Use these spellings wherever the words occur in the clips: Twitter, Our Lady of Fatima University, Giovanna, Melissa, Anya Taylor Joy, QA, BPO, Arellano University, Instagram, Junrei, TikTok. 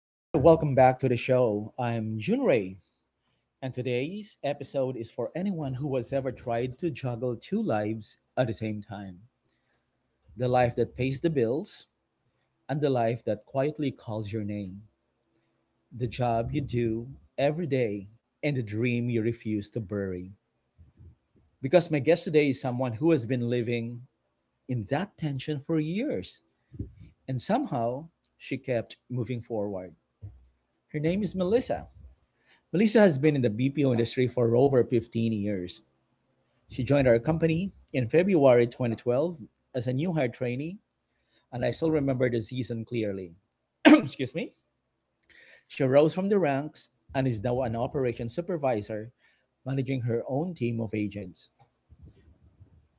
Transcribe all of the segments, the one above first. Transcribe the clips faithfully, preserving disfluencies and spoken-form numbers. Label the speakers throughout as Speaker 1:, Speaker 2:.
Speaker 1: All right, welcome back to the show. I'm Junrei, and today's episode is for anyone who has ever tried to juggle two lives at the same time: the life that pays the bills, and the life that quietly calls your name, the job you do every day, and the dream you refuse to bury. Because my guest today is someone who has been living in that tension for years, and somehow she kept moving forward. Her name is Melissa. Melissa has been in the B P O industry for over fifteen years. She joined our company in February twenty twelve as a new hire trainee, and I still remember the season clearly. Excuse me. She rose from the ranks and is now an operations supervisor, managing her own team of agents.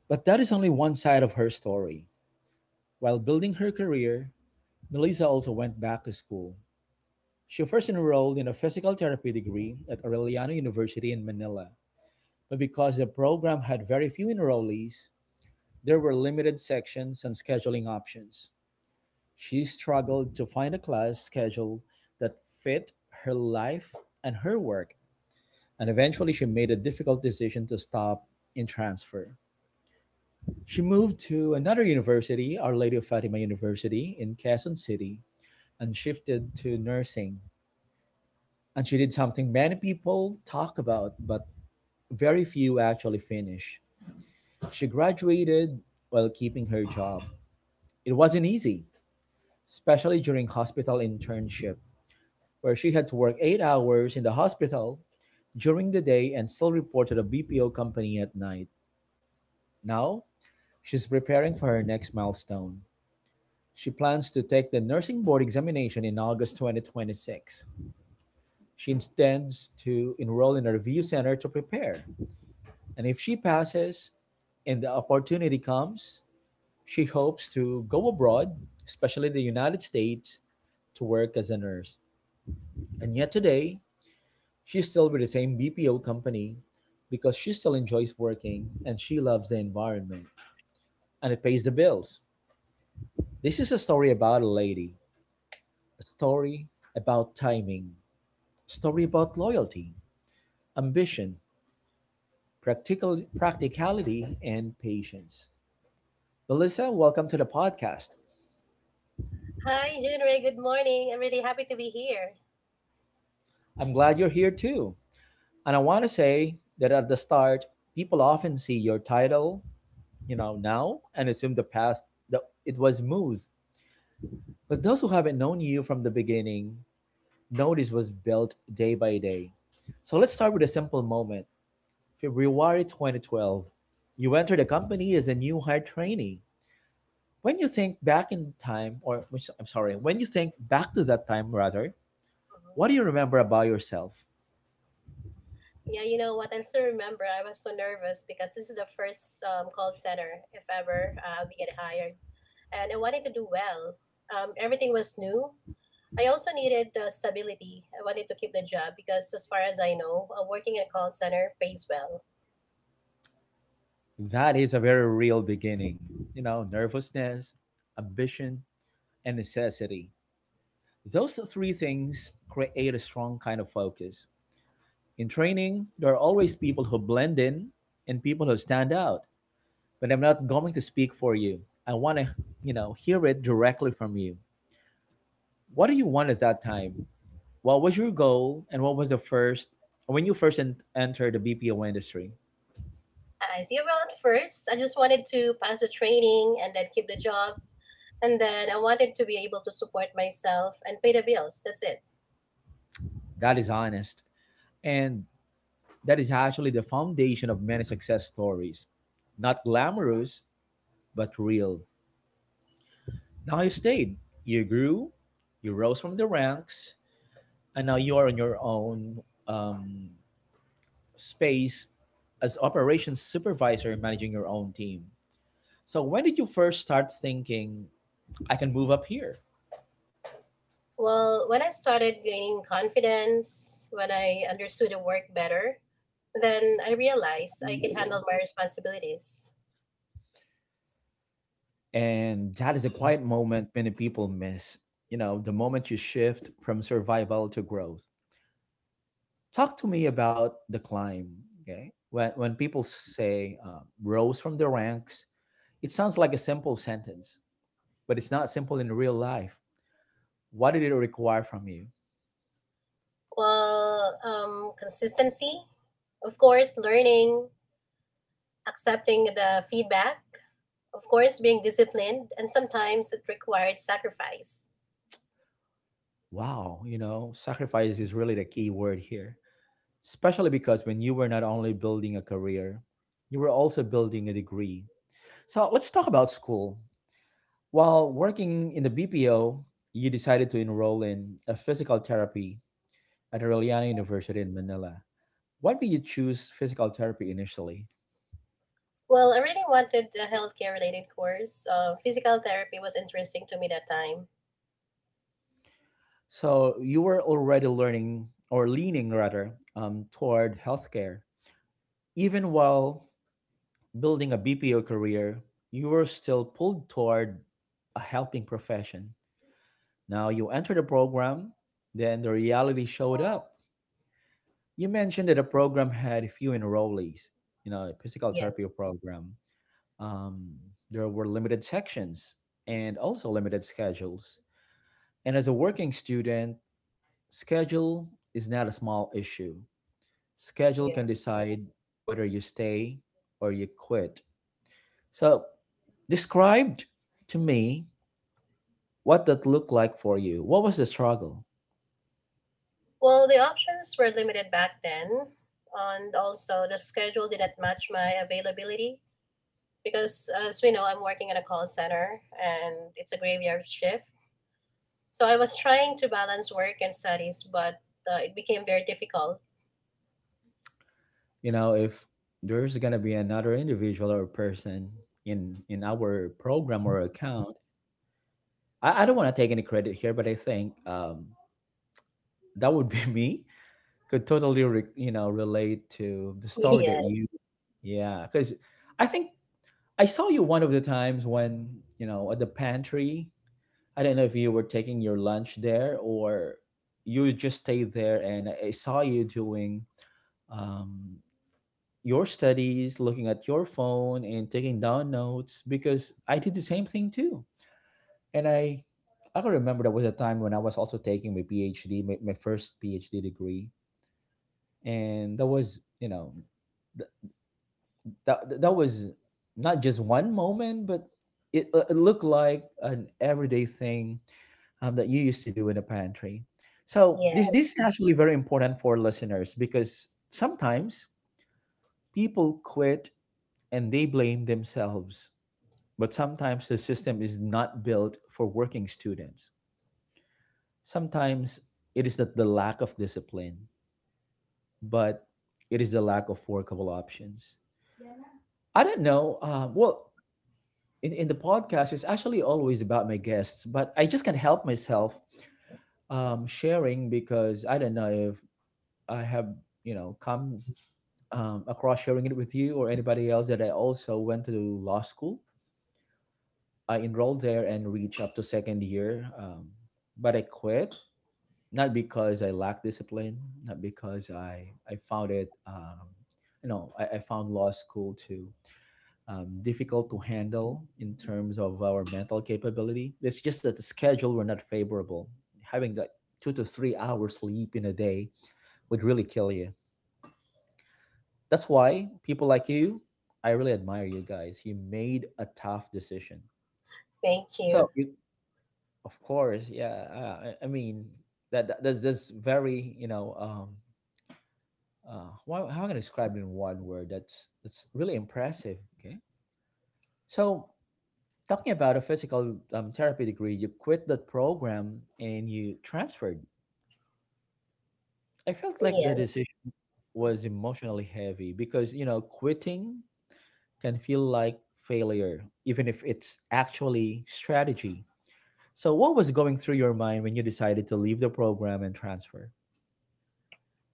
Speaker 1: But that is only one side of her story. While building her career, Melissa also went back to school. She first enrolled in a physical therapy degree at Arellano University in Manila. But because the program had very few enrollees, there were limited sections and scheduling options. She struggled to find a class schedule that fit her life and her work, and eventually she made a difficult decision to stop in transfer. She moved to another university, Our Lady of Fatima University in Quezon City, and shifted to nursing. And she did something many people talk about, but very few actually finish. She graduated while keeping her job. It wasn't easy, especially during hospital internship, where she had to work eight hours in the hospital during the day and still report to the B P O company at night. Now, she's preparing for her next milestone. She plans to take the nursing board examination in August twenty twenty-six. She intends to enroll in a review center to prepare. And if she passes and the opportunity comes, she hopes to go abroad, especially the United States, to work as a nurse. And yet today, she's still with the same B P O company because she still enjoys working and she loves the environment and it pays the bills. This is a story about a lady, a story about timing, a story about loyalty, ambition, practical practicality and patience. Melissa, welcome to the podcast.
Speaker 2: Hi, Junrei. Good morning. I'm really happy to be here.
Speaker 1: I'm glad you're here too. And I want to say that at the start, people often see your title, you know, now and assume the past that it was smooth. But those who haven't known you from the beginning know this was built day by day. So let's start with a simple moment. February twenty twelve. You entered the company as a new hire trainee. When you think back in time, or which, I'm sorry, when you think back to that time rather,
Speaker 2: Mhm.
Speaker 1: what do you remember about yourself?
Speaker 2: Yeah, you know what? I still remember I was so nervous because this is the first um, call center, if ever, uh, I'll be getting hired. And I wanted to do well. Um, everything was new. I also needed the stability. I wanted to keep the job because, as far as I know, uh, working in a call center pays well.
Speaker 1: That is a very real beginning. You know, nervousness, ambition, and necessity. Those three things create a strong kind of focus. In training, there are always people who blend in and people who stand out. But I'm not going to speak for you. I want to, you know, hear it directly from you. What do you want at that time? What was your goal and what was the first when you first en- entered the B P O industry?
Speaker 2: I see. Well, at first, I just wanted to pass the training and then keep the job. And then I wanted to be able to support myself and pay the bills. That's it.
Speaker 1: That is honest, and that is actually the foundation of many success stories. Not glamorous, but real. Now you stayed, you grew, you rose from the ranks, and now you are on your own um, space as operations supervisor managing your own team. So when did you first start thinking I can move up here?
Speaker 2: Well, when I started gaining confidence, when I understood the work better, then I realized I could handle my responsibilities.
Speaker 1: And that is a quiet moment many people miss, you know, the moment you shift from survival to growth. Talk to me about the climb, okay? When when people say uh, rose from the ranks, it sounds like a simple sentence, but it's not simple in real life. What did it require from you?
Speaker 2: Well, um, consistency, of course, learning, accepting the feedback, of course, being disciplined, and sometimes it required sacrifice.
Speaker 1: Wow, you know, sacrifice is really the key word here, especially because when you were not only building a career, you were also building a degree. So let's talk about school. While working in the B P O, you decided to enroll in a physical therapy at Aureliana University in Manila. Why did you choose physical therapy initially?
Speaker 2: Well, I really wanted a healthcare related course. Uh, physical therapy was interesting to me that time.
Speaker 1: So you were already learning or leaning rather um, toward healthcare, even while building a B P O career, you were still pulled toward a helping profession. Now you entered the program, then the reality showed up. You mentioned that the program had few enrollees, you know, physical
Speaker 2: Yeah,
Speaker 1: therapy program. Um, there were limited sections and also limited schedules. And as a working student, schedule is not a small issue. Schedule
Speaker 2: yeah.
Speaker 1: can decide whether you stay or you quit. So, described to me what that looked like for you. What was the struggle?
Speaker 2: Well, the options were limited back then, and also the schedule didn't match my availability because, as we know, I'm working in a call center and it's a graveyard shift. So I was trying to balance work and studies, but uh, it became very difficult.
Speaker 1: You know, if there's gonna be another individual or person in in our program or account, I, I don't want to take any credit here, but I think um, that would be me. Could totally re, you know, relate to the story that
Speaker 2: Yeah,
Speaker 1: you, yeah, because I think I saw you one of the times when, you know, at the pantry, I don't know if you were taking your lunch there or you just stayed there and I saw you doing um, your studies, looking at your phone and taking down notes because I did the same thing too. And I I can remember there was a time when I was also taking my PhD, my, my first PhD degree. And that was, you know, th- that, that was not just one moment, but it, it looked like an everyday thing um, that you used to do in the pantry. So
Speaker 2: yeah.
Speaker 1: this this is actually very important for listeners because sometimes people quit and they blame themselves, but sometimes the system is not built for working students. Sometimes it is not the lack of discipline, but it is the lack of workable options. I don't know. Um, well, in, in the podcast, it's actually always about my guests, but I just can't help myself um, sharing because I don't know if. I have, you know, come um, across sharing it with you or anybody else that I also went to law school. I enrolled there and reached up to second year, um, but I quit not because I lacked discipline, not because I I found it um, you know, I, I found law school too um, difficult to handle in terms of our mental capability. It's just that the schedule were not favorable. Having like two to three hours sleep in a day would really kill you. That's why people like you, I really admire you guys. You made a tough decision.
Speaker 2: Thank you.
Speaker 1: So you, of course, yeah. Uh, I, I mean, that, that that's that's very, you know, um uh why, how am I gonna describe it in one word? That's that's really impressive. Okay. So talking about a physical um, therapy degree, you quit that program and you transferred. I felt like the
Speaker 2: Yes.
Speaker 1: decision was emotionally heavy because, you know, quitting can feel like failure, even if it's actually strategy. So, what was going through your mind when you decided to leave the program and transfer?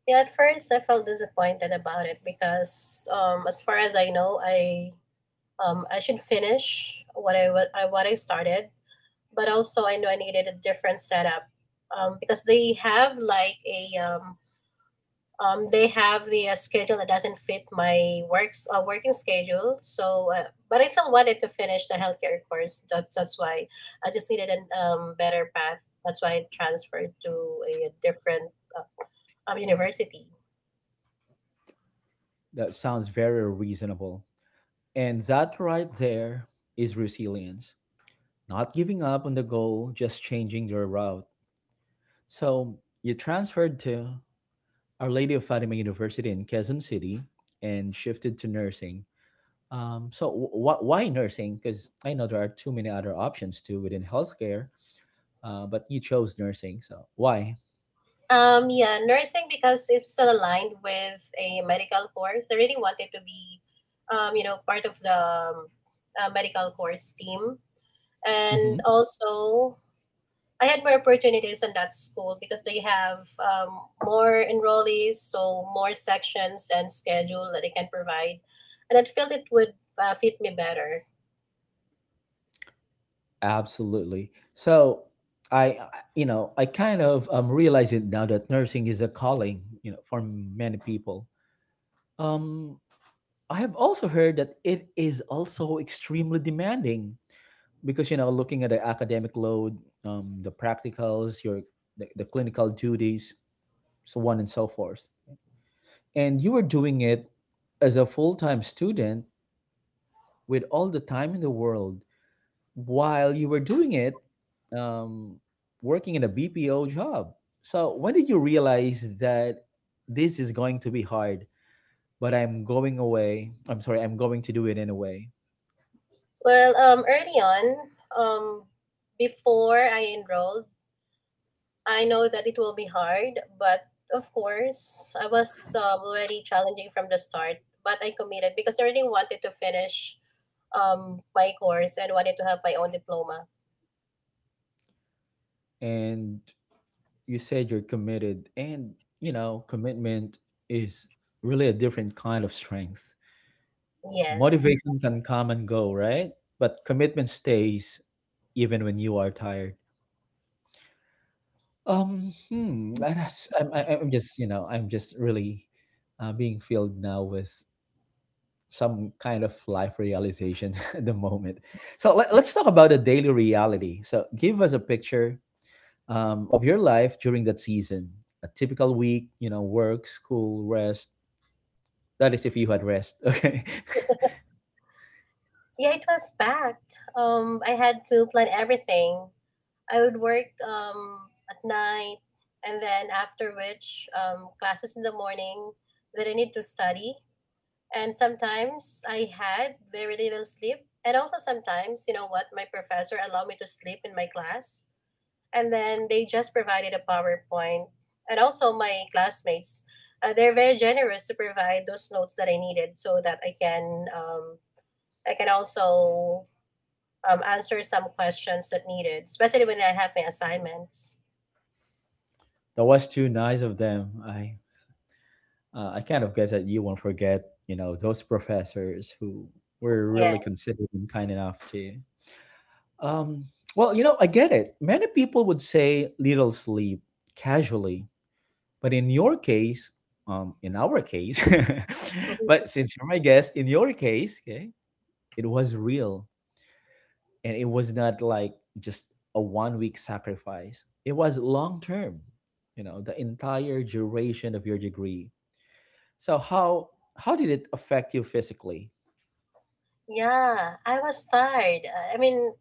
Speaker 2: Yeah, at first I felt disappointed about it because, um, as far as I know, I um, I should finish what I, wa- I what I started, but also I know I needed a different setup, um, because they have like a um, um, they have the uh, schedule that doesn't fit my works uh, working schedule. So, uh, but I still wanted to finish the healthcare course. That's that's why I just needed a um, better path. That's why I transferred to a different uh, um, university.
Speaker 1: That sounds very reasonable. And that right there is resilience, not giving up on the goal, just changing your route. So, you transferred to Our Lady of Fatima University in Quezon City and shifted to nursing. Um, so, wh- wh- why nursing? Because I know there are too many other options too within healthcare, uh, but you chose nursing, so why?
Speaker 2: Um, yeah, nursing because it's still aligned with a medical course. I really wanted to be, um, you know, part of the um, uh, medical course team.
Speaker 1: hmm
Speaker 2: And also, I had more opportunities in that school because they have um, more enrollees, so more sections and schedule that they can provide. And I felt it would uh, fit me better.
Speaker 1: absolutely so i I- You know, I kind of um realize it now that nursing is a calling, you know, for many people. um I have also heard that it is also extremely demanding because, you know, looking at the academic load, um the practicals, your the, the clinical duties, so on and so forth, and you were doing it as a full-time student with all the time in the world while you were doing it, um, working in a B P O job. So when did you realize that this is going to be hard, but I'm going away? I'm sorry, I'm going to do it anyway.
Speaker 2: Well, um, early on, um, before I enrolled, I know that it will be hard, but of course, I was um, already challenging from the start, but I committed because I really wanted to finish um, my course and wanted to have my own diploma.
Speaker 1: And you said you're committed, and, you know, commitment is really a different kind of strength.
Speaker 2: Yes.
Speaker 1: Motivation can come and go, right? But commitment stays even when you are tired. Um, hmm, and that's, I'm, I- I'm just, you know, I'm just really uh, being filled now with some kind of life realization at the moment. So let, let's talk about the daily reality. So give us a picture um, of your life during that season. A typical week, you know, work, school, rest. That is if you had rest. Okay.
Speaker 2: Yeah, it was packed. Um, I had to plan everything. I would work um, at night and then after which um, classes in the morning that I need to study, and sometimes I had very little sleep. And also sometimes, you know what, my professor allowed me to sleep in my class, and then they just provided a PowerPoint. And also my classmates, uh, they're very generous to provide those notes that I needed, so that I can um, I can also um, answer some questions that needed, especially when I have my assignments.
Speaker 1: That was too nice of them. I uh, I kind of guess that you won't forget, you know, those professors who were
Speaker 2: Yeah.
Speaker 1: really considerate and kind enough to. Um, well, you know, I get it. Many people would say little sleep casually, but in your case, um, in our case, but since you're my guest, in your case, okay, it was real and it was not like just a one week sacrifice. It was long term, you know, the entire duration of your degree. So how how did it affect you physically?
Speaker 2: Yeah, I was tired. Uh, I mean,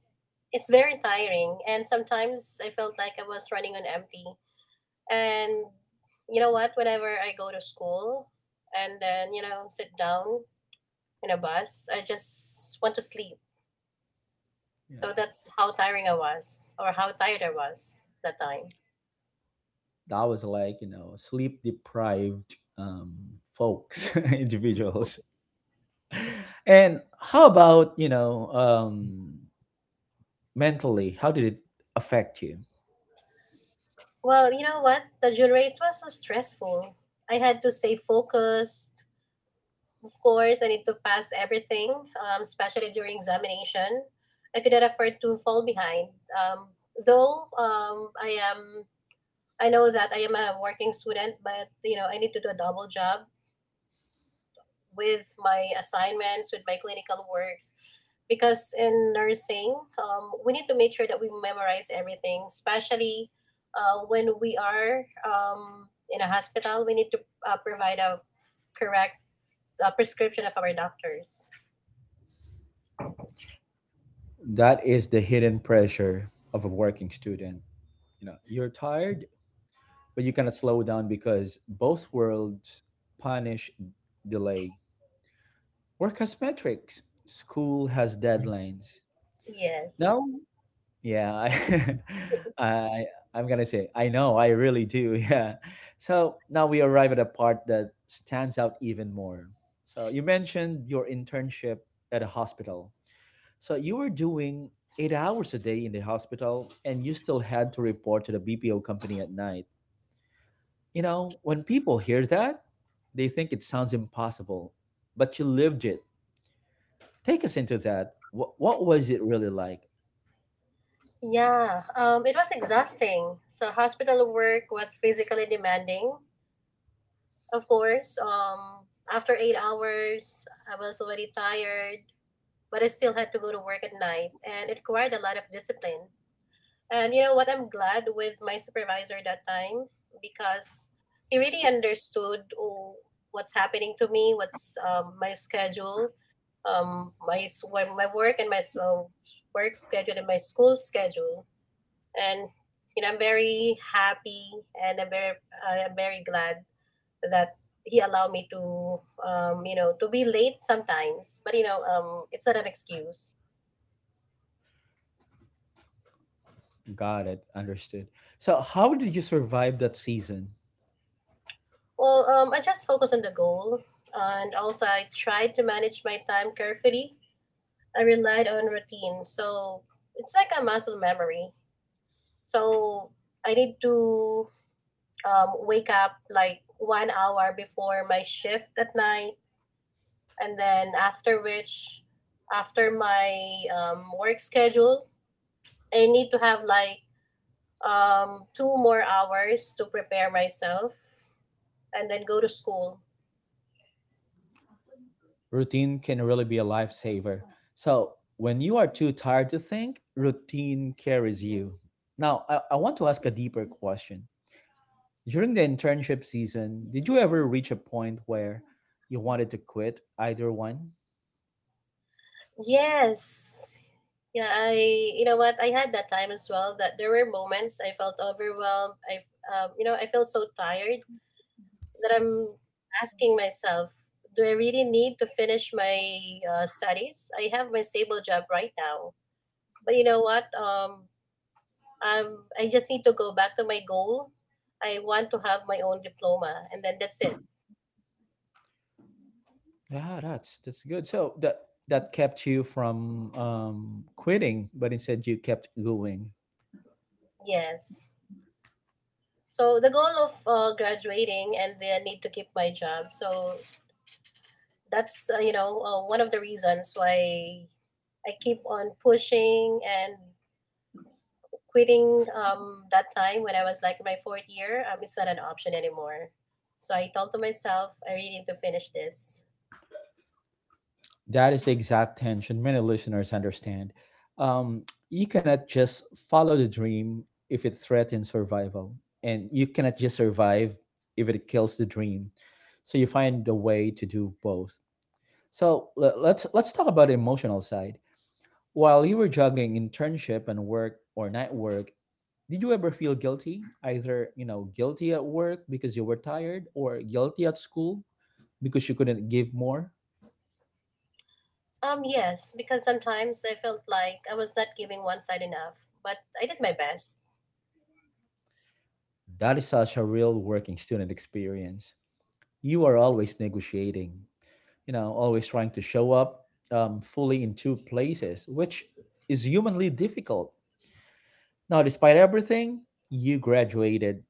Speaker 2: it's very tiring, and sometimes I felt like I was running on empty. And you know what? Whenever I go to school and then, you know, sit down in a bus, I just want to sleep. So
Speaker 1: Yeah,
Speaker 2: that's how tiring I was, or how tired I was that time.
Speaker 1: that was like you know sleep deprived um, folks individuals. And how about you know um, mentally? How did it affect you?
Speaker 2: Well, you know what? The Junrei was was stressful. I had to stay focused. Of course, I need to pass everything, um, especially during examination. I could not afford to fall behind. Um, though um, I am, I know that I am a working student, but you know I need to do a double job with my assignments, with my clinical works. Because in nursing, um, we need to make sure that we memorize everything, especially uh, when we are um, in a hospital, we need to uh, provide a correct uh, prescription of our doctors.
Speaker 1: That is the hidden pressure of a working student. you know you're tired but you cannot slow down because both worlds punish delay. Work has metrics, school has deadlines.
Speaker 2: Yes.
Speaker 1: No. Yeah, I i i'm gonna say I know I really do. Yeah. So now we arrive at a part that stands out even more. So you mentioned your internship at a hospital. So you were doing eight hours a day in the hospital, and you still had to report to the B P O company at night. You know, when people hear that, they think it sounds impossible, but you lived it. Take us into that. What, what was it really like?
Speaker 2: Yeah, um, it was exhausting. So hospital work was physically demanding, of course. Um, after eight hours, I was already tired, but I still had to go to work at night, and it required a lot of discipline. And you know what? I'm glad with my supervisor that time because he really understood oh, what's happening to me, what's um, my schedule, um, my s- wo- my work and my s- uh, work schedule and my school schedule. And you know, I'm very happy and I'm very I'm very glad that he allowed me to, um, you know, to be late sometimes. But you know, um, it's not an excuse.
Speaker 1: Got it, understood. So, how did you survive that season?
Speaker 2: Well, um, I just focus on the goal, and also I tried to manage my time carefully. I relied on routine, so it's like a muscle memory. So I need to um, wake up like one hour before my shift at night, and then after which, after my um, work schedule, I need to have like um, two more hours to prepare myself, and then go to school.
Speaker 1: Routine can really be a lifesaver. So, when you are too tired to think, routine carries you. Now, I, I want to ask a deeper question. During the internship season, did you ever reach a point where you wanted to quit either one?
Speaker 2: Yes. Yeah, I you know what? I had that time as well that there were moments I felt overwhelmed. I um, You know, I felt so tired that I'm asking myself, do I really need to finish my uh, studies? I have my stable job right now. But you know what? Um I'm, I just need to go back to my goal. I want to have my own diploma, and then that's it.
Speaker 1: Yeah, that's that's good. So that that kept you from um, quitting, but instead you kept going.
Speaker 2: Yes. So the goal of uh, graduating and the need to keep my job. So that's, uh, you know, uh, one of the reasons why I keep on pushing, and quitting um, that time when I was like in my fourth year. Um, it's not an option anymore. So I told to myself, I really need to finish this.
Speaker 1: That is the exact tension many listeners understand. Um, you cannot just follow the dream if it threatens survival, and you cannot just survive if it kills the dream. So you find a way to do both. So le- let's let's talk about the emotional side. While you were juggling internship and work or night work, did you ever feel guilty? Either, you know, guilty at work because you were tired or guilty at school because you couldn't give more?
Speaker 2: Um, yes, because sometimes I felt like I was not giving one side enough, but I did my best.
Speaker 1: That is such a real working student experience. You are always negotiating, you know, always trying to show up um, fully in two places, which is humanly difficult. Now, despite everything, you graduated.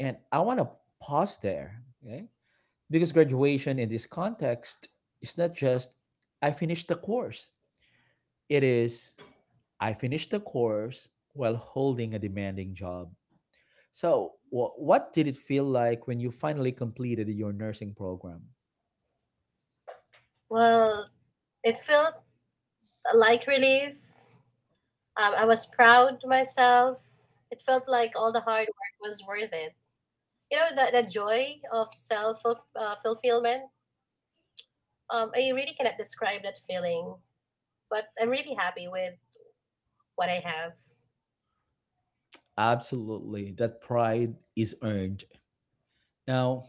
Speaker 1: And I want to pause there, okay? Because graduation in this context is not just "I finished the course." It is "I finished the course while holding a demanding job." So, wha what did it feel like when you finally completed your nursing program?
Speaker 2: Well, it felt like relief. Um, I was proud of myself. It felt like all the hard work was worth it. You know, the, the joy of self uh, fulfillment, um, I really cannot describe that feeling, but I'm really happy with what I have.
Speaker 1: Absolutely, that pride is earned. Now,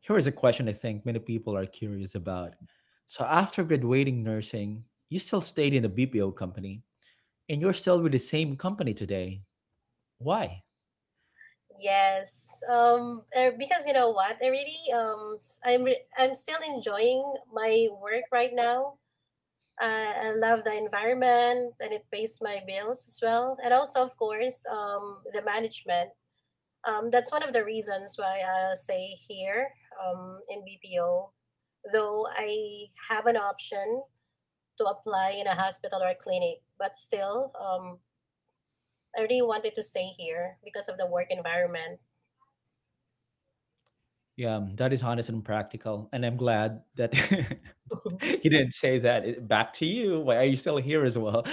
Speaker 1: here is a question I think many people are curious about. So, after graduating nursing, you still stayed in a B P O company and you're still with the same company today. Why?
Speaker 2: Yes. Um, uh, because you know what, I really um, s- i'm re- I'm still enjoying my work right now. uh, I love the environment, and it pays my bills as well, and also of course, um, the management. Um, that's one of the reasons why I'll stay here, um, in B P O, though I have an option to apply in a hospital or clinic. But still, um, I really wanted to stay here because of the work environment.
Speaker 1: Yeah, um, that is honest and practical. And I'm glad that you didn't say that. It- Back to you. Why are you still here as well?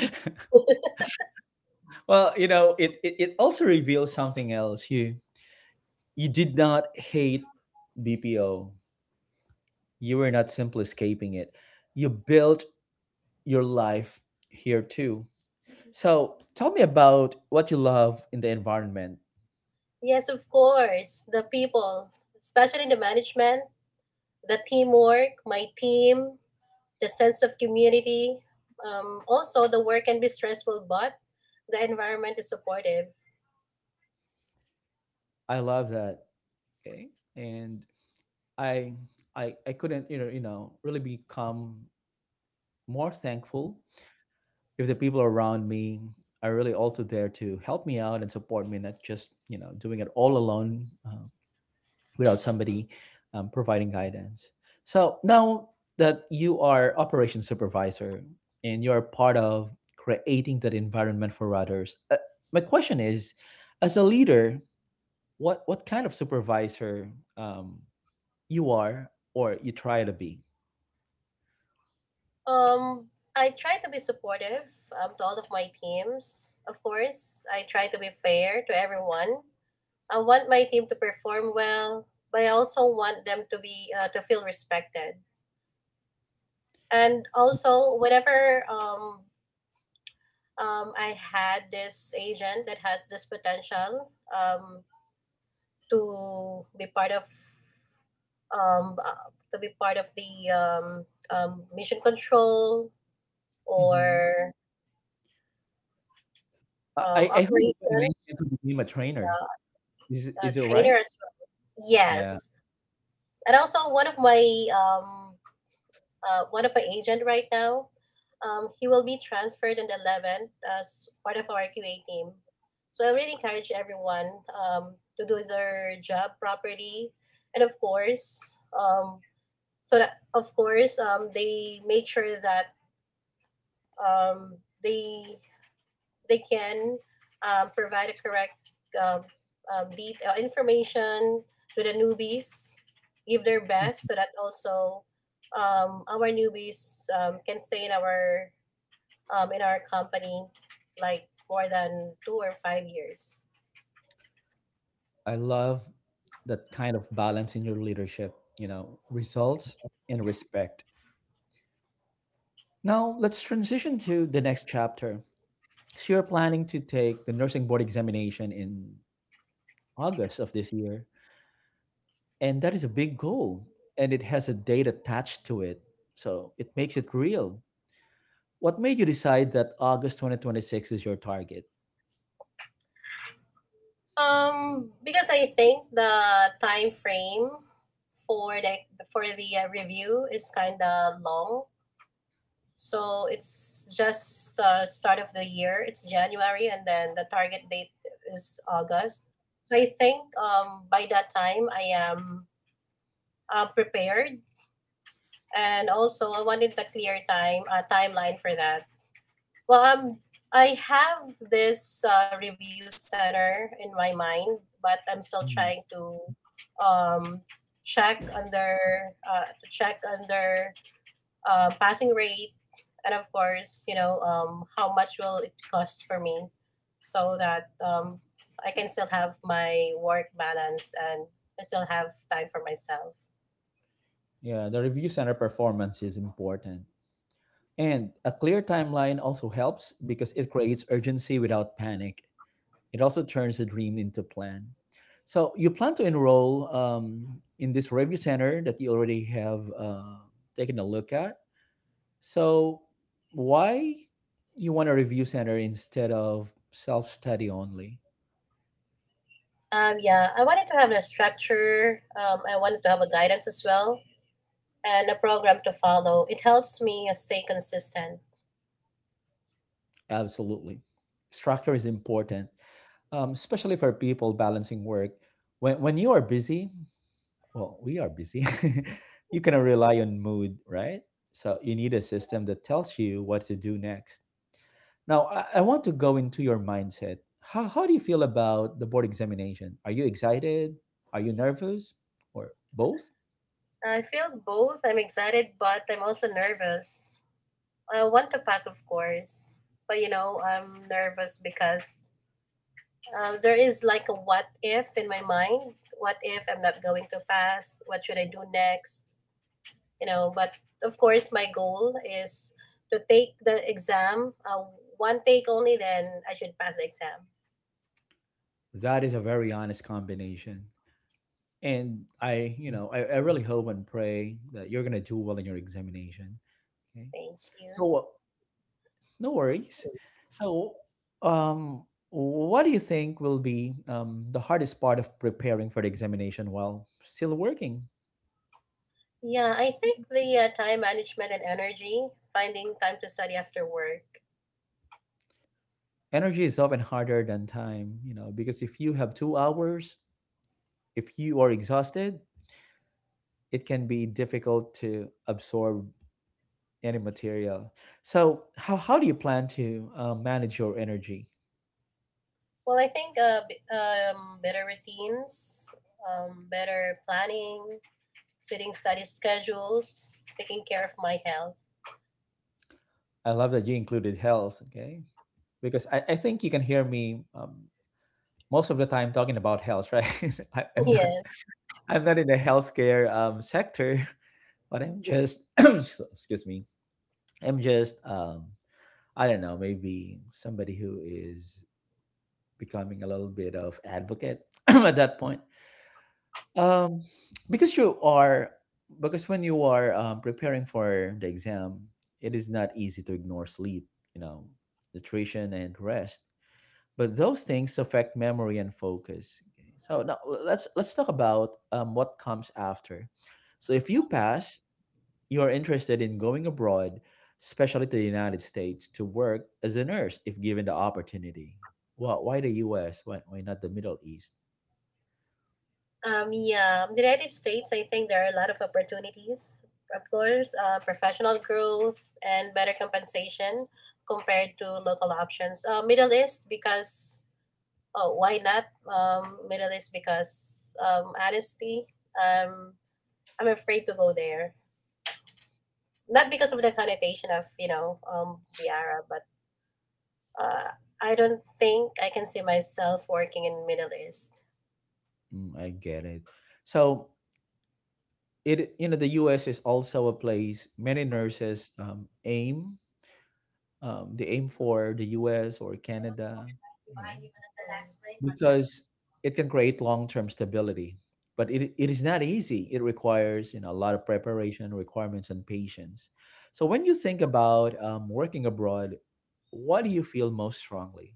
Speaker 1: Well, you know, it, it, it also reveals something else. You you did not hate B P O. You were not simply escaping it. You built your life here too. So tell me about what you love in the environment.
Speaker 2: Yes, of course, the people, especially the management, the teamwork, my team, the sense of community. Um, also, the work can be stressful, but the environment is supportive.
Speaker 1: I love that. Okay. And I I I couldn't, you know, you know, really become more thankful if the people around me are really also there to help me out and support me, not just, you know, doing it all alone. Uh, without somebody um, providing guidance. So now that you are operations supervisor and you're part of creating that environment for others, uh, my question is, as a leader, what what kind of supervisor um, you are or you try to be?
Speaker 2: Um, I try to be supportive um, to all of my teams. Of course, I try to be fair to everyone. I want my team to perform well, but I also want them to be uh, to feel respected. And also, whenever um, um, I had this agent that has this potential, um, to be part of um, uh, to be part of the um, um, mission control
Speaker 1: Hmm.
Speaker 2: or
Speaker 1: I,
Speaker 2: um,
Speaker 1: I I heard you put an
Speaker 2: operations,
Speaker 1: agent to become a trainer.
Speaker 2: uh,
Speaker 1: Is
Speaker 2: a
Speaker 1: is it right?
Speaker 2: trainer as well.
Speaker 1: Yeah,
Speaker 2: Yes, and also one of my um, uh, one of my agent right now. Um, he will be transferred on the eleventh as part of our Q A team. So I really encourage everyone, um, to do their job properly, and of course, um, so that of course um, they make sure that um, they they can um, provide a correct um, um, det- uh, information to the newbies, give their best so that also um, our newbies um, can stay in our um, in our company like more than two or five years.
Speaker 1: I love that kind of balance in your leadership. You know, results and respect. Now, let's transition to the next chapter. So, you're planning to take the nursing board examination in August of this year, and that is a big goal, and it has a date attached to it. So, it makes it real. What made you decide that August two thousand twenty-six is your target?
Speaker 2: Um, because I think the time frame for the for the uh, review is kind of long. So it's just uh, start of the year. It's January, and then the target date is August. So I think um, by that time I am uh, prepared, and also I wanted the clear time uh, timeline for that. Well, um, I have this uh, review center in my mind, but I'm still trying to,
Speaker 1: Mm,
Speaker 2: um, check under uh, to check under uh, passing rate, and of course, you know, um, how much will it cost for me, so that um, I can still have my work balance, and I still have time for myself.
Speaker 1: yeah, the review center performance is important. And a clear timeline also helps because it creates urgency without panic. It also turns a dream into plan. So you plan to enroll um, in this review center that you already have uh, taken a look at. So why you want a review center instead of self-study only?
Speaker 2: Um, yeah, I wanted to have a structure. Um, I wanted to have a guidance as well, and a program to follow. It helps me uh, stay consistent.
Speaker 1: Absolutely, structure is important, um, especially for people balancing work. When when you are busy, well, we are busy. You cannot rely on mood, right? So you need a system that tells you what to do next. Now, I, I want to go into your mindset. How, how do you feel about the board examination? Are you excited? Are you nervous? Or both?
Speaker 2: I feel both. I'm excited, but I'm also nervous. I want to pass, of course, but you know, I'm nervous because Um, there is like a what if in my mind. What if I'm not going to pass? What should I do next? You know, but of course, my goal is to take the exam, uh, one take only, then I should pass the exam.
Speaker 1: That is a very honest combination. And I, you know, I, I really hope and pray that you're going to do well in your examination. Okay.
Speaker 2: Thank you.
Speaker 1: So, uh, no worries. So, um, what do you think will be um, the hardest part of preparing for the examination while still working?
Speaker 2: Yeah, I think the uh, time management and energy, finding time to study after work.
Speaker 1: Energy is often harder than time you know because if you have two hours, if you are exhausted, it can be difficult to absorb any material. So, how, how do you plan to uh, manage your energy?
Speaker 2: Well, I think uh, b- um, better routines, um, better planning, setting study schedules, taking care of my health.
Speaker 1: I love that you included health, okay? Because I, I think you can hear me um, most of the time talking about health, right? I, I'm, not,
Speaker 2: Yes.
Speaker 1: I'm not in the healthcare um, sector, but I'm just, excuse me, I'm just, um, I don't know, maybe somebody who is becoming a little bit of advocate at that point. Um, because you are, because when you are um, preparing for the exam, it is not easy to ignore sleep, you know, nutrition and rest. But those things affect memory and focus. Okay. So now l- let's let's talk about um, what comes after. So if you pass, you are interested in going abroad, especially to the United States, to work as a nurse if given the opportunity. Well, why the U S? Why, why not the Middle East?
Speaker 2: Um, yeah, in the United States, I think there are a lot of opportunities. Of course, uh, professional growth and better compensation compared to local options. Uh, Middle East because oh, why not? Um, Middle East because um, honesty. Um, I'm afraid to go there. Not because of the connotation of, you know, um, the Arab, but uh, I don't think I can see myself working in Middle East.
Speaker 1: Mm, I get it. So it you know the U S is also a place many nurses um, aim um, they aim for the U S or Canada, yeah. Because it can create long-term stability, but it, it is not easy. It requires you know a lot of preparation, requirements, and patience. So when you think about um, working abroad, what do you feel most strongly?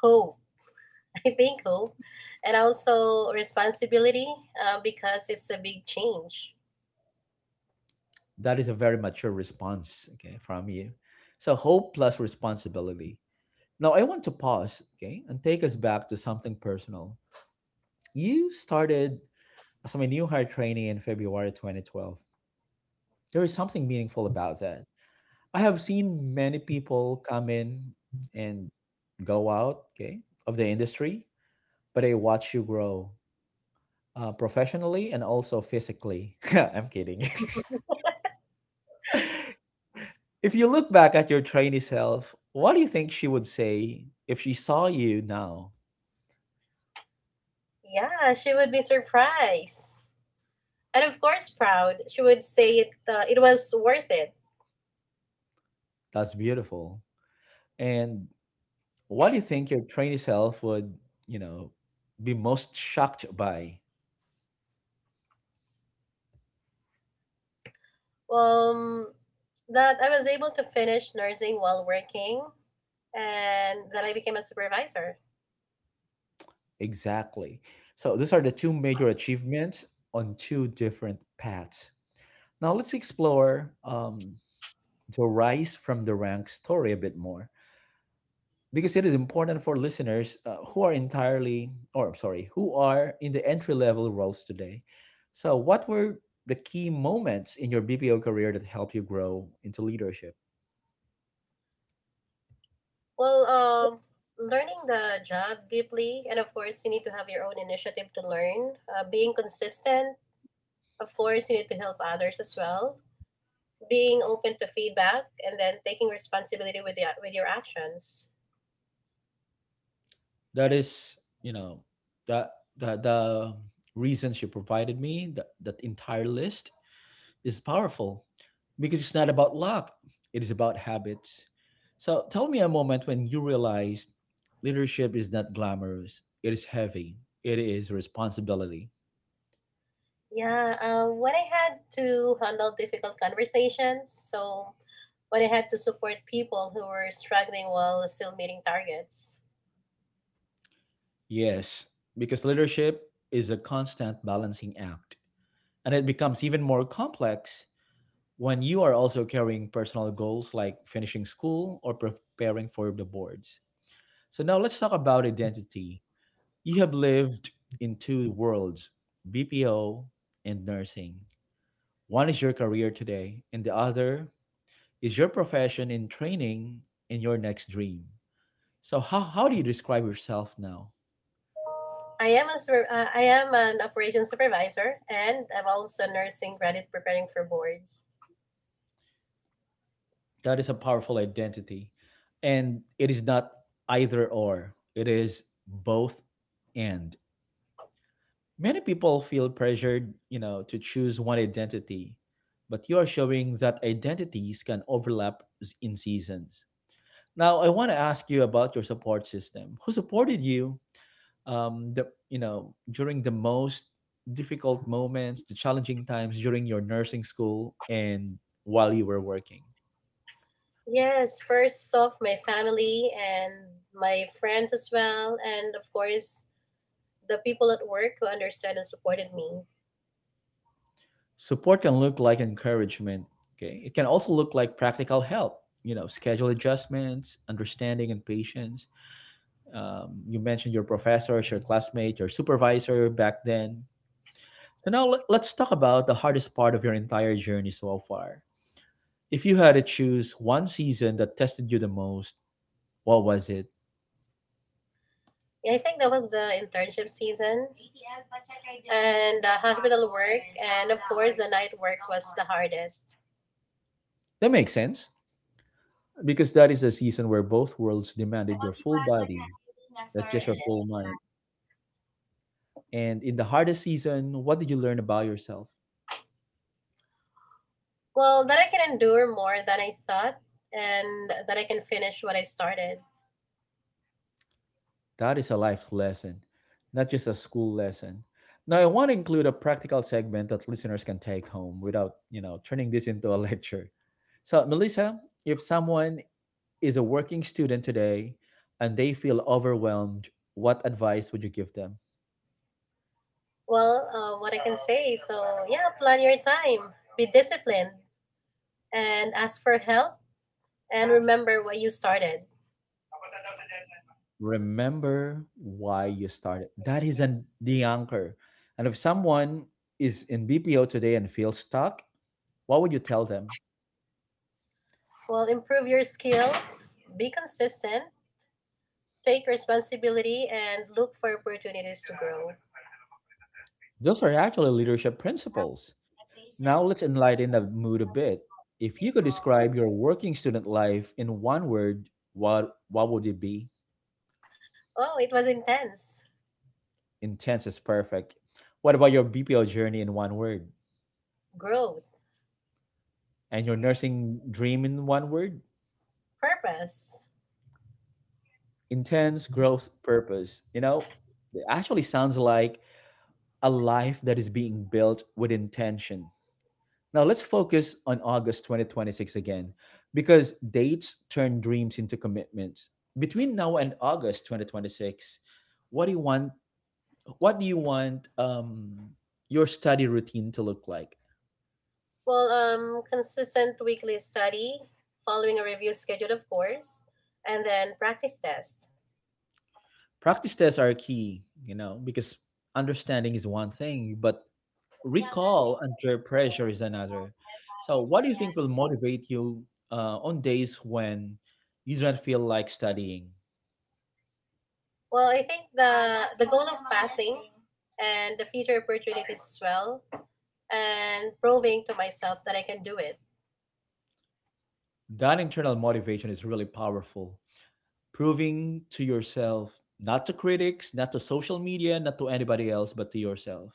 Speaker 2: Hope. Being cool and also responsibility uh, because it's a big change.
Speaker 1: That is a very mature response, okay, from you. So, hope plus responsibility. Now, I want to pause, okay, and take us back to something personal. You started as my new hire trainee in February two thousand twelve. There is something meaningful about that. I have seen many people come in and go out, okay, of the industry, but I watch you grow uh, professionally and also physically. I'm kidding. If you look back at your trainee self, what do you think she would say if she saw you now?
Speaker 2: Yeah, she would be surprised. And of course, proud. She would say it, uh, it was worth it.
Speaker 1: That's beautiful. And what do you think your trainee self would, you know, be most shocked by?
Speaker 2: Um, that I was able to finish nursing while working, and that I became a supervisor.
Speaker 1: Exactly. So these are the two major achievements on two different paths. Now let's explore um, the rise from the rank story a bit more, because it is important for listeners uh, who are entirely, or sorry, who are in the entry level roles today. So what were the key moments in your B P O career that helped you grow into leadership?
Speaker 2: Well, um, learning the job deeply, and of course, you need to have your own initiative to learn. Uh, being consistent, of course, you need to help others as well. Being open to feedback, and then taking responsibility with the with your actions.
Speaker 1: That is you know the the, the reasons you provided me, that, that entire list, is powerful because it's not about luck, it is about habits. So tell me a moment when you realized leadership is not glamorous, it is heavy, it is responsibility.
Speaker 2: Yeah, um, when I had to handle difficult conversations, so when I had to support people who were struggling while still meeting targets.
Speaker 1: Yes, because leadership is a constant balancing act, and it becomes even more complex when you are also carrying personal goals like finishing school or preparing for the boards. So, now let's talk about identity. You have lived in two worlds: B P O and nursing. One is your career today, and the other is your profession in training and your next dream. So, how, how do you describe yourself now?
Speaker 2: I am a super, uh, I am an operations supervisor, and I'm also nursing graduate preparing for boards.
Speaker 1: That is a powerful identity. And it is not either or, it is both and. Many people feel pressured, you know, to choose one identity, but you are showing that identities can overlap s- in seasons. Now, I want to ask you about your support system. Who supported you um the you know, during the most difficult moments, the challenging times during your nursing school and while you were working?
Speaker 2: Yes, first off, my family and my friends as well, and of course, the people at work who understand and supported me.
Speaker 1: Support can look like encouragement, okay? It can also look like practical help, you know, schedule adjustments, understanding, and patience. Um, you mentioned your professors, your classmate, your supervisor back then. So now let- let's talk about the hardest part of your entire journey so far. If you had to choose one season that tested you the most, what was it?
Speaker 2: Yeah, I think that was the internship season, and the hospital work, and of course, the night work was the hardest.
Speaker 1: That makes sense because that is a season where both worlds demanded your full body, not just your full mind. And in the hardest season, what did you learn about yourself?
Speaker 2: Well, that I can endure more than I thought, and that I can finish what I started.
Speaker 1: That is a life lesson, not just a school lesson. Now, I want to include a practical segment that listeners can take home without, you know, turning this into a lecture. So, Melissa, if someone is a working student today and they feel overwhelmed, what advice would you give them?
Speaker 2: Well, uh, what I can say, so yeah, plan your time, be disciplined, and ask for help, and remember what you started.
Speaker 1: Remember why you started. That is an, the anchor. And if someone is in B P O today and feels stuck, what would you tell them?
Speaker 2: Well, improve your skills, be consistent, take responsibility, and look for opportunities to grow.
Speaker 1: Those are actually leadership principles. Now let's enlighten the mood a bit. If you could describe your working student life in one word, what what would it be?
Speaker 2: Oh, it was intense.
Speaker 1: Intense is perfect. What about your B P L journey in one word?
Speaker 2: Growth,
Speaker 1: And your nursing dream in one word?
Speaker 2: purpose.
Speaker 1: Intense growth purpose. You know, it actually sounds like a life that is being built with intention. Now let's focus on August twenty twenty-six again, because dates turn dreams into commitments. Between now and August twenty twenty-six, what do you want? What do you want um, your study routine to look like?
Speaker 2: Well, um, consistent weekly study, following a review schedule, of course, and then practice test.
Speaker 1: Practice tests are key, you know, because understanding is one thing, but recall under pressure is another. So, what do you think will motivate you uh, on days when you don't feel like studying?
Speaker 2: Well, I think the the goal of passing and the future opportunities as well, and proving to myself that I can do it.
Speaker 1: That internal motivation is really powerful proving to yourself, not to critics, not to social media, not to anybody else, but to yourself.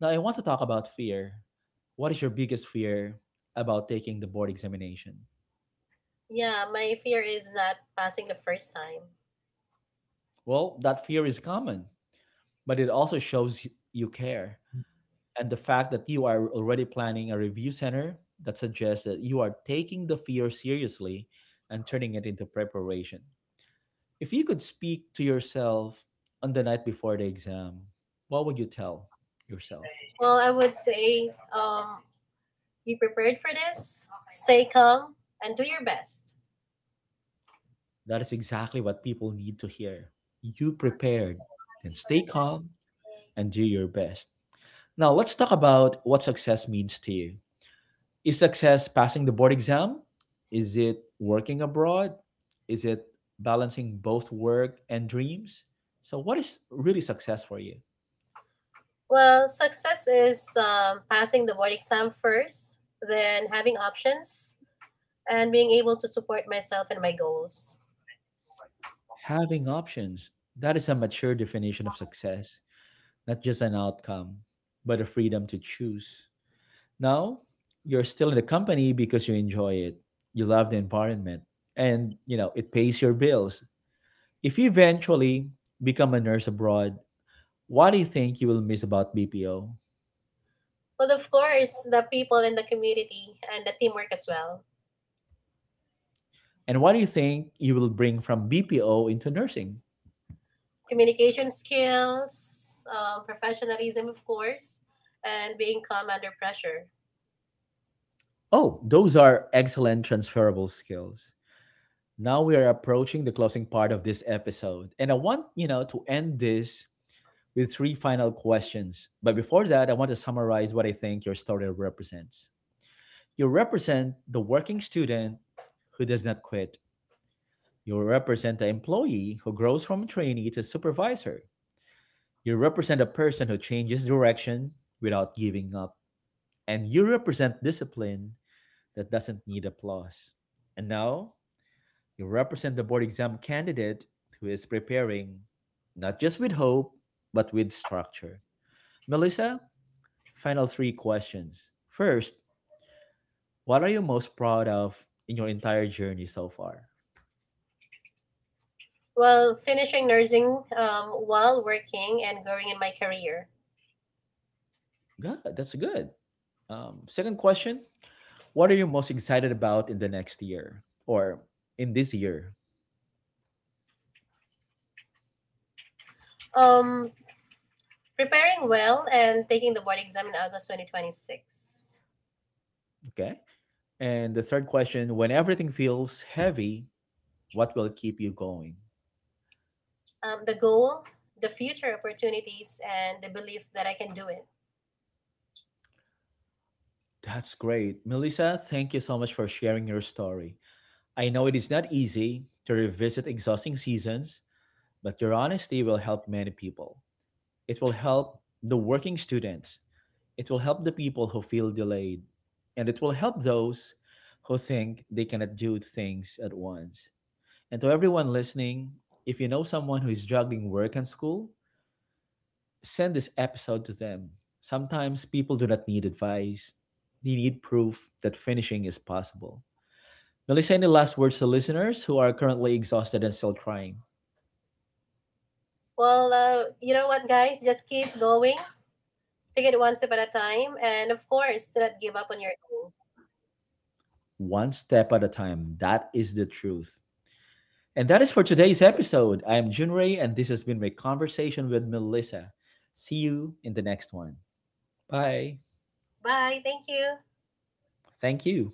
Speaker 1: Now, I want to talk about fear. What is your biggest fear about taking the board examination?
Speaker 2: Yeah, my fear is not passing the first time.
Speaker 1: Well, that fear is common, but it also shows y- you care. And the fact that you are already planning a review center that suggests that you are taking the fear seriously and turning it into preparation. If you could speak to yourself on the night before the exam, what would you tell yourself?
Speaker 2: Well, I would say um, be prepared for this, stay calm, and do your best.
Speaker 1: That is exactly what people need to hear. You prepared, then stay calm and do your best. Now, let's talk about what success means to you. Is success passing the board exam? Is it working abroad? Is it balancing both work and dreams? So, what is really success for you?
Speaker 2: Well, success is um, passing the board exam first, then having options, and being able to support myself and my goals.
Speaker 1: Having options. That is a mature definition of success, not just an outcome, but a freedom to choose. Now, you're still in the company because you enjoy it. You love the environment and, you know, it pays your bills. If you eventually become a nurse abroad, what do you think you will miss about B P O?
Speaker 2: Well, of course, the people in the community and the teamwork as well.
Speaker 1: And what do you think you will bring from B P O into nursing?
Speaker 2: Communication skills, um, professionalism, of course, and being calm under pressure.
Speaker 1: Oh, those are excellent transferable skills. Now we are approaching the closing part of this episode. And I want, you know, to end this with three final questions. But before that, I want to summarize what I think your story represents. You represent the working student who does not quit. You represent the employee who grows from trainee to supervisor. You represent a person who changes direction without giving up. And you represent discipline that doesn't need applause. And now, you represent the board exam candidate who is preparing not just with hope, but with structure. Melissa, final three questions. First, what are you most proud of in your entire journey so far?
Speaker 2: Well, finishing nursing um, while working and growing in my career.
Speaker 1: Good. That's good. Um, second question. What are you most excited about in the next year or in this year?
Speaker 2: um Preparing well and taking the board exam in August twenty twenty-six.
Speaker 1: Okay. And the third question. When everything feels heavy, what will keep you going?
Speaker 2: Um, the goal, the future opportunities, and the belief that I can do it.
Speaker 1: That's great. Melissa, thank you so much for sharing your story. I know it is not easy to revisit exhausting seasons, but your honesty will help many people. It will help the working students. It will help the people who feel delayed. And it will help those who think they cannot do things at once. And to everyone listening, if you know someone who is juggling work and school, send this episode to them. Sometimes people do not need advice, they need proof that finishing is possible. Melissa, any last words to listeners who are currently exhausted and still trying?
Speaker 2: Well, uh, you know what, guys? Just keep going. Take it one step at a time. And of course, do not give up on your goal.
Speaker 1: One step at a time. That is the truth. And that is for today's episode. I am Junrei, and this has been my conversation with Melissa. See you in the next one. Bye.
Speaker 2: Bye. Thank you.
Speaker 1: Thank you.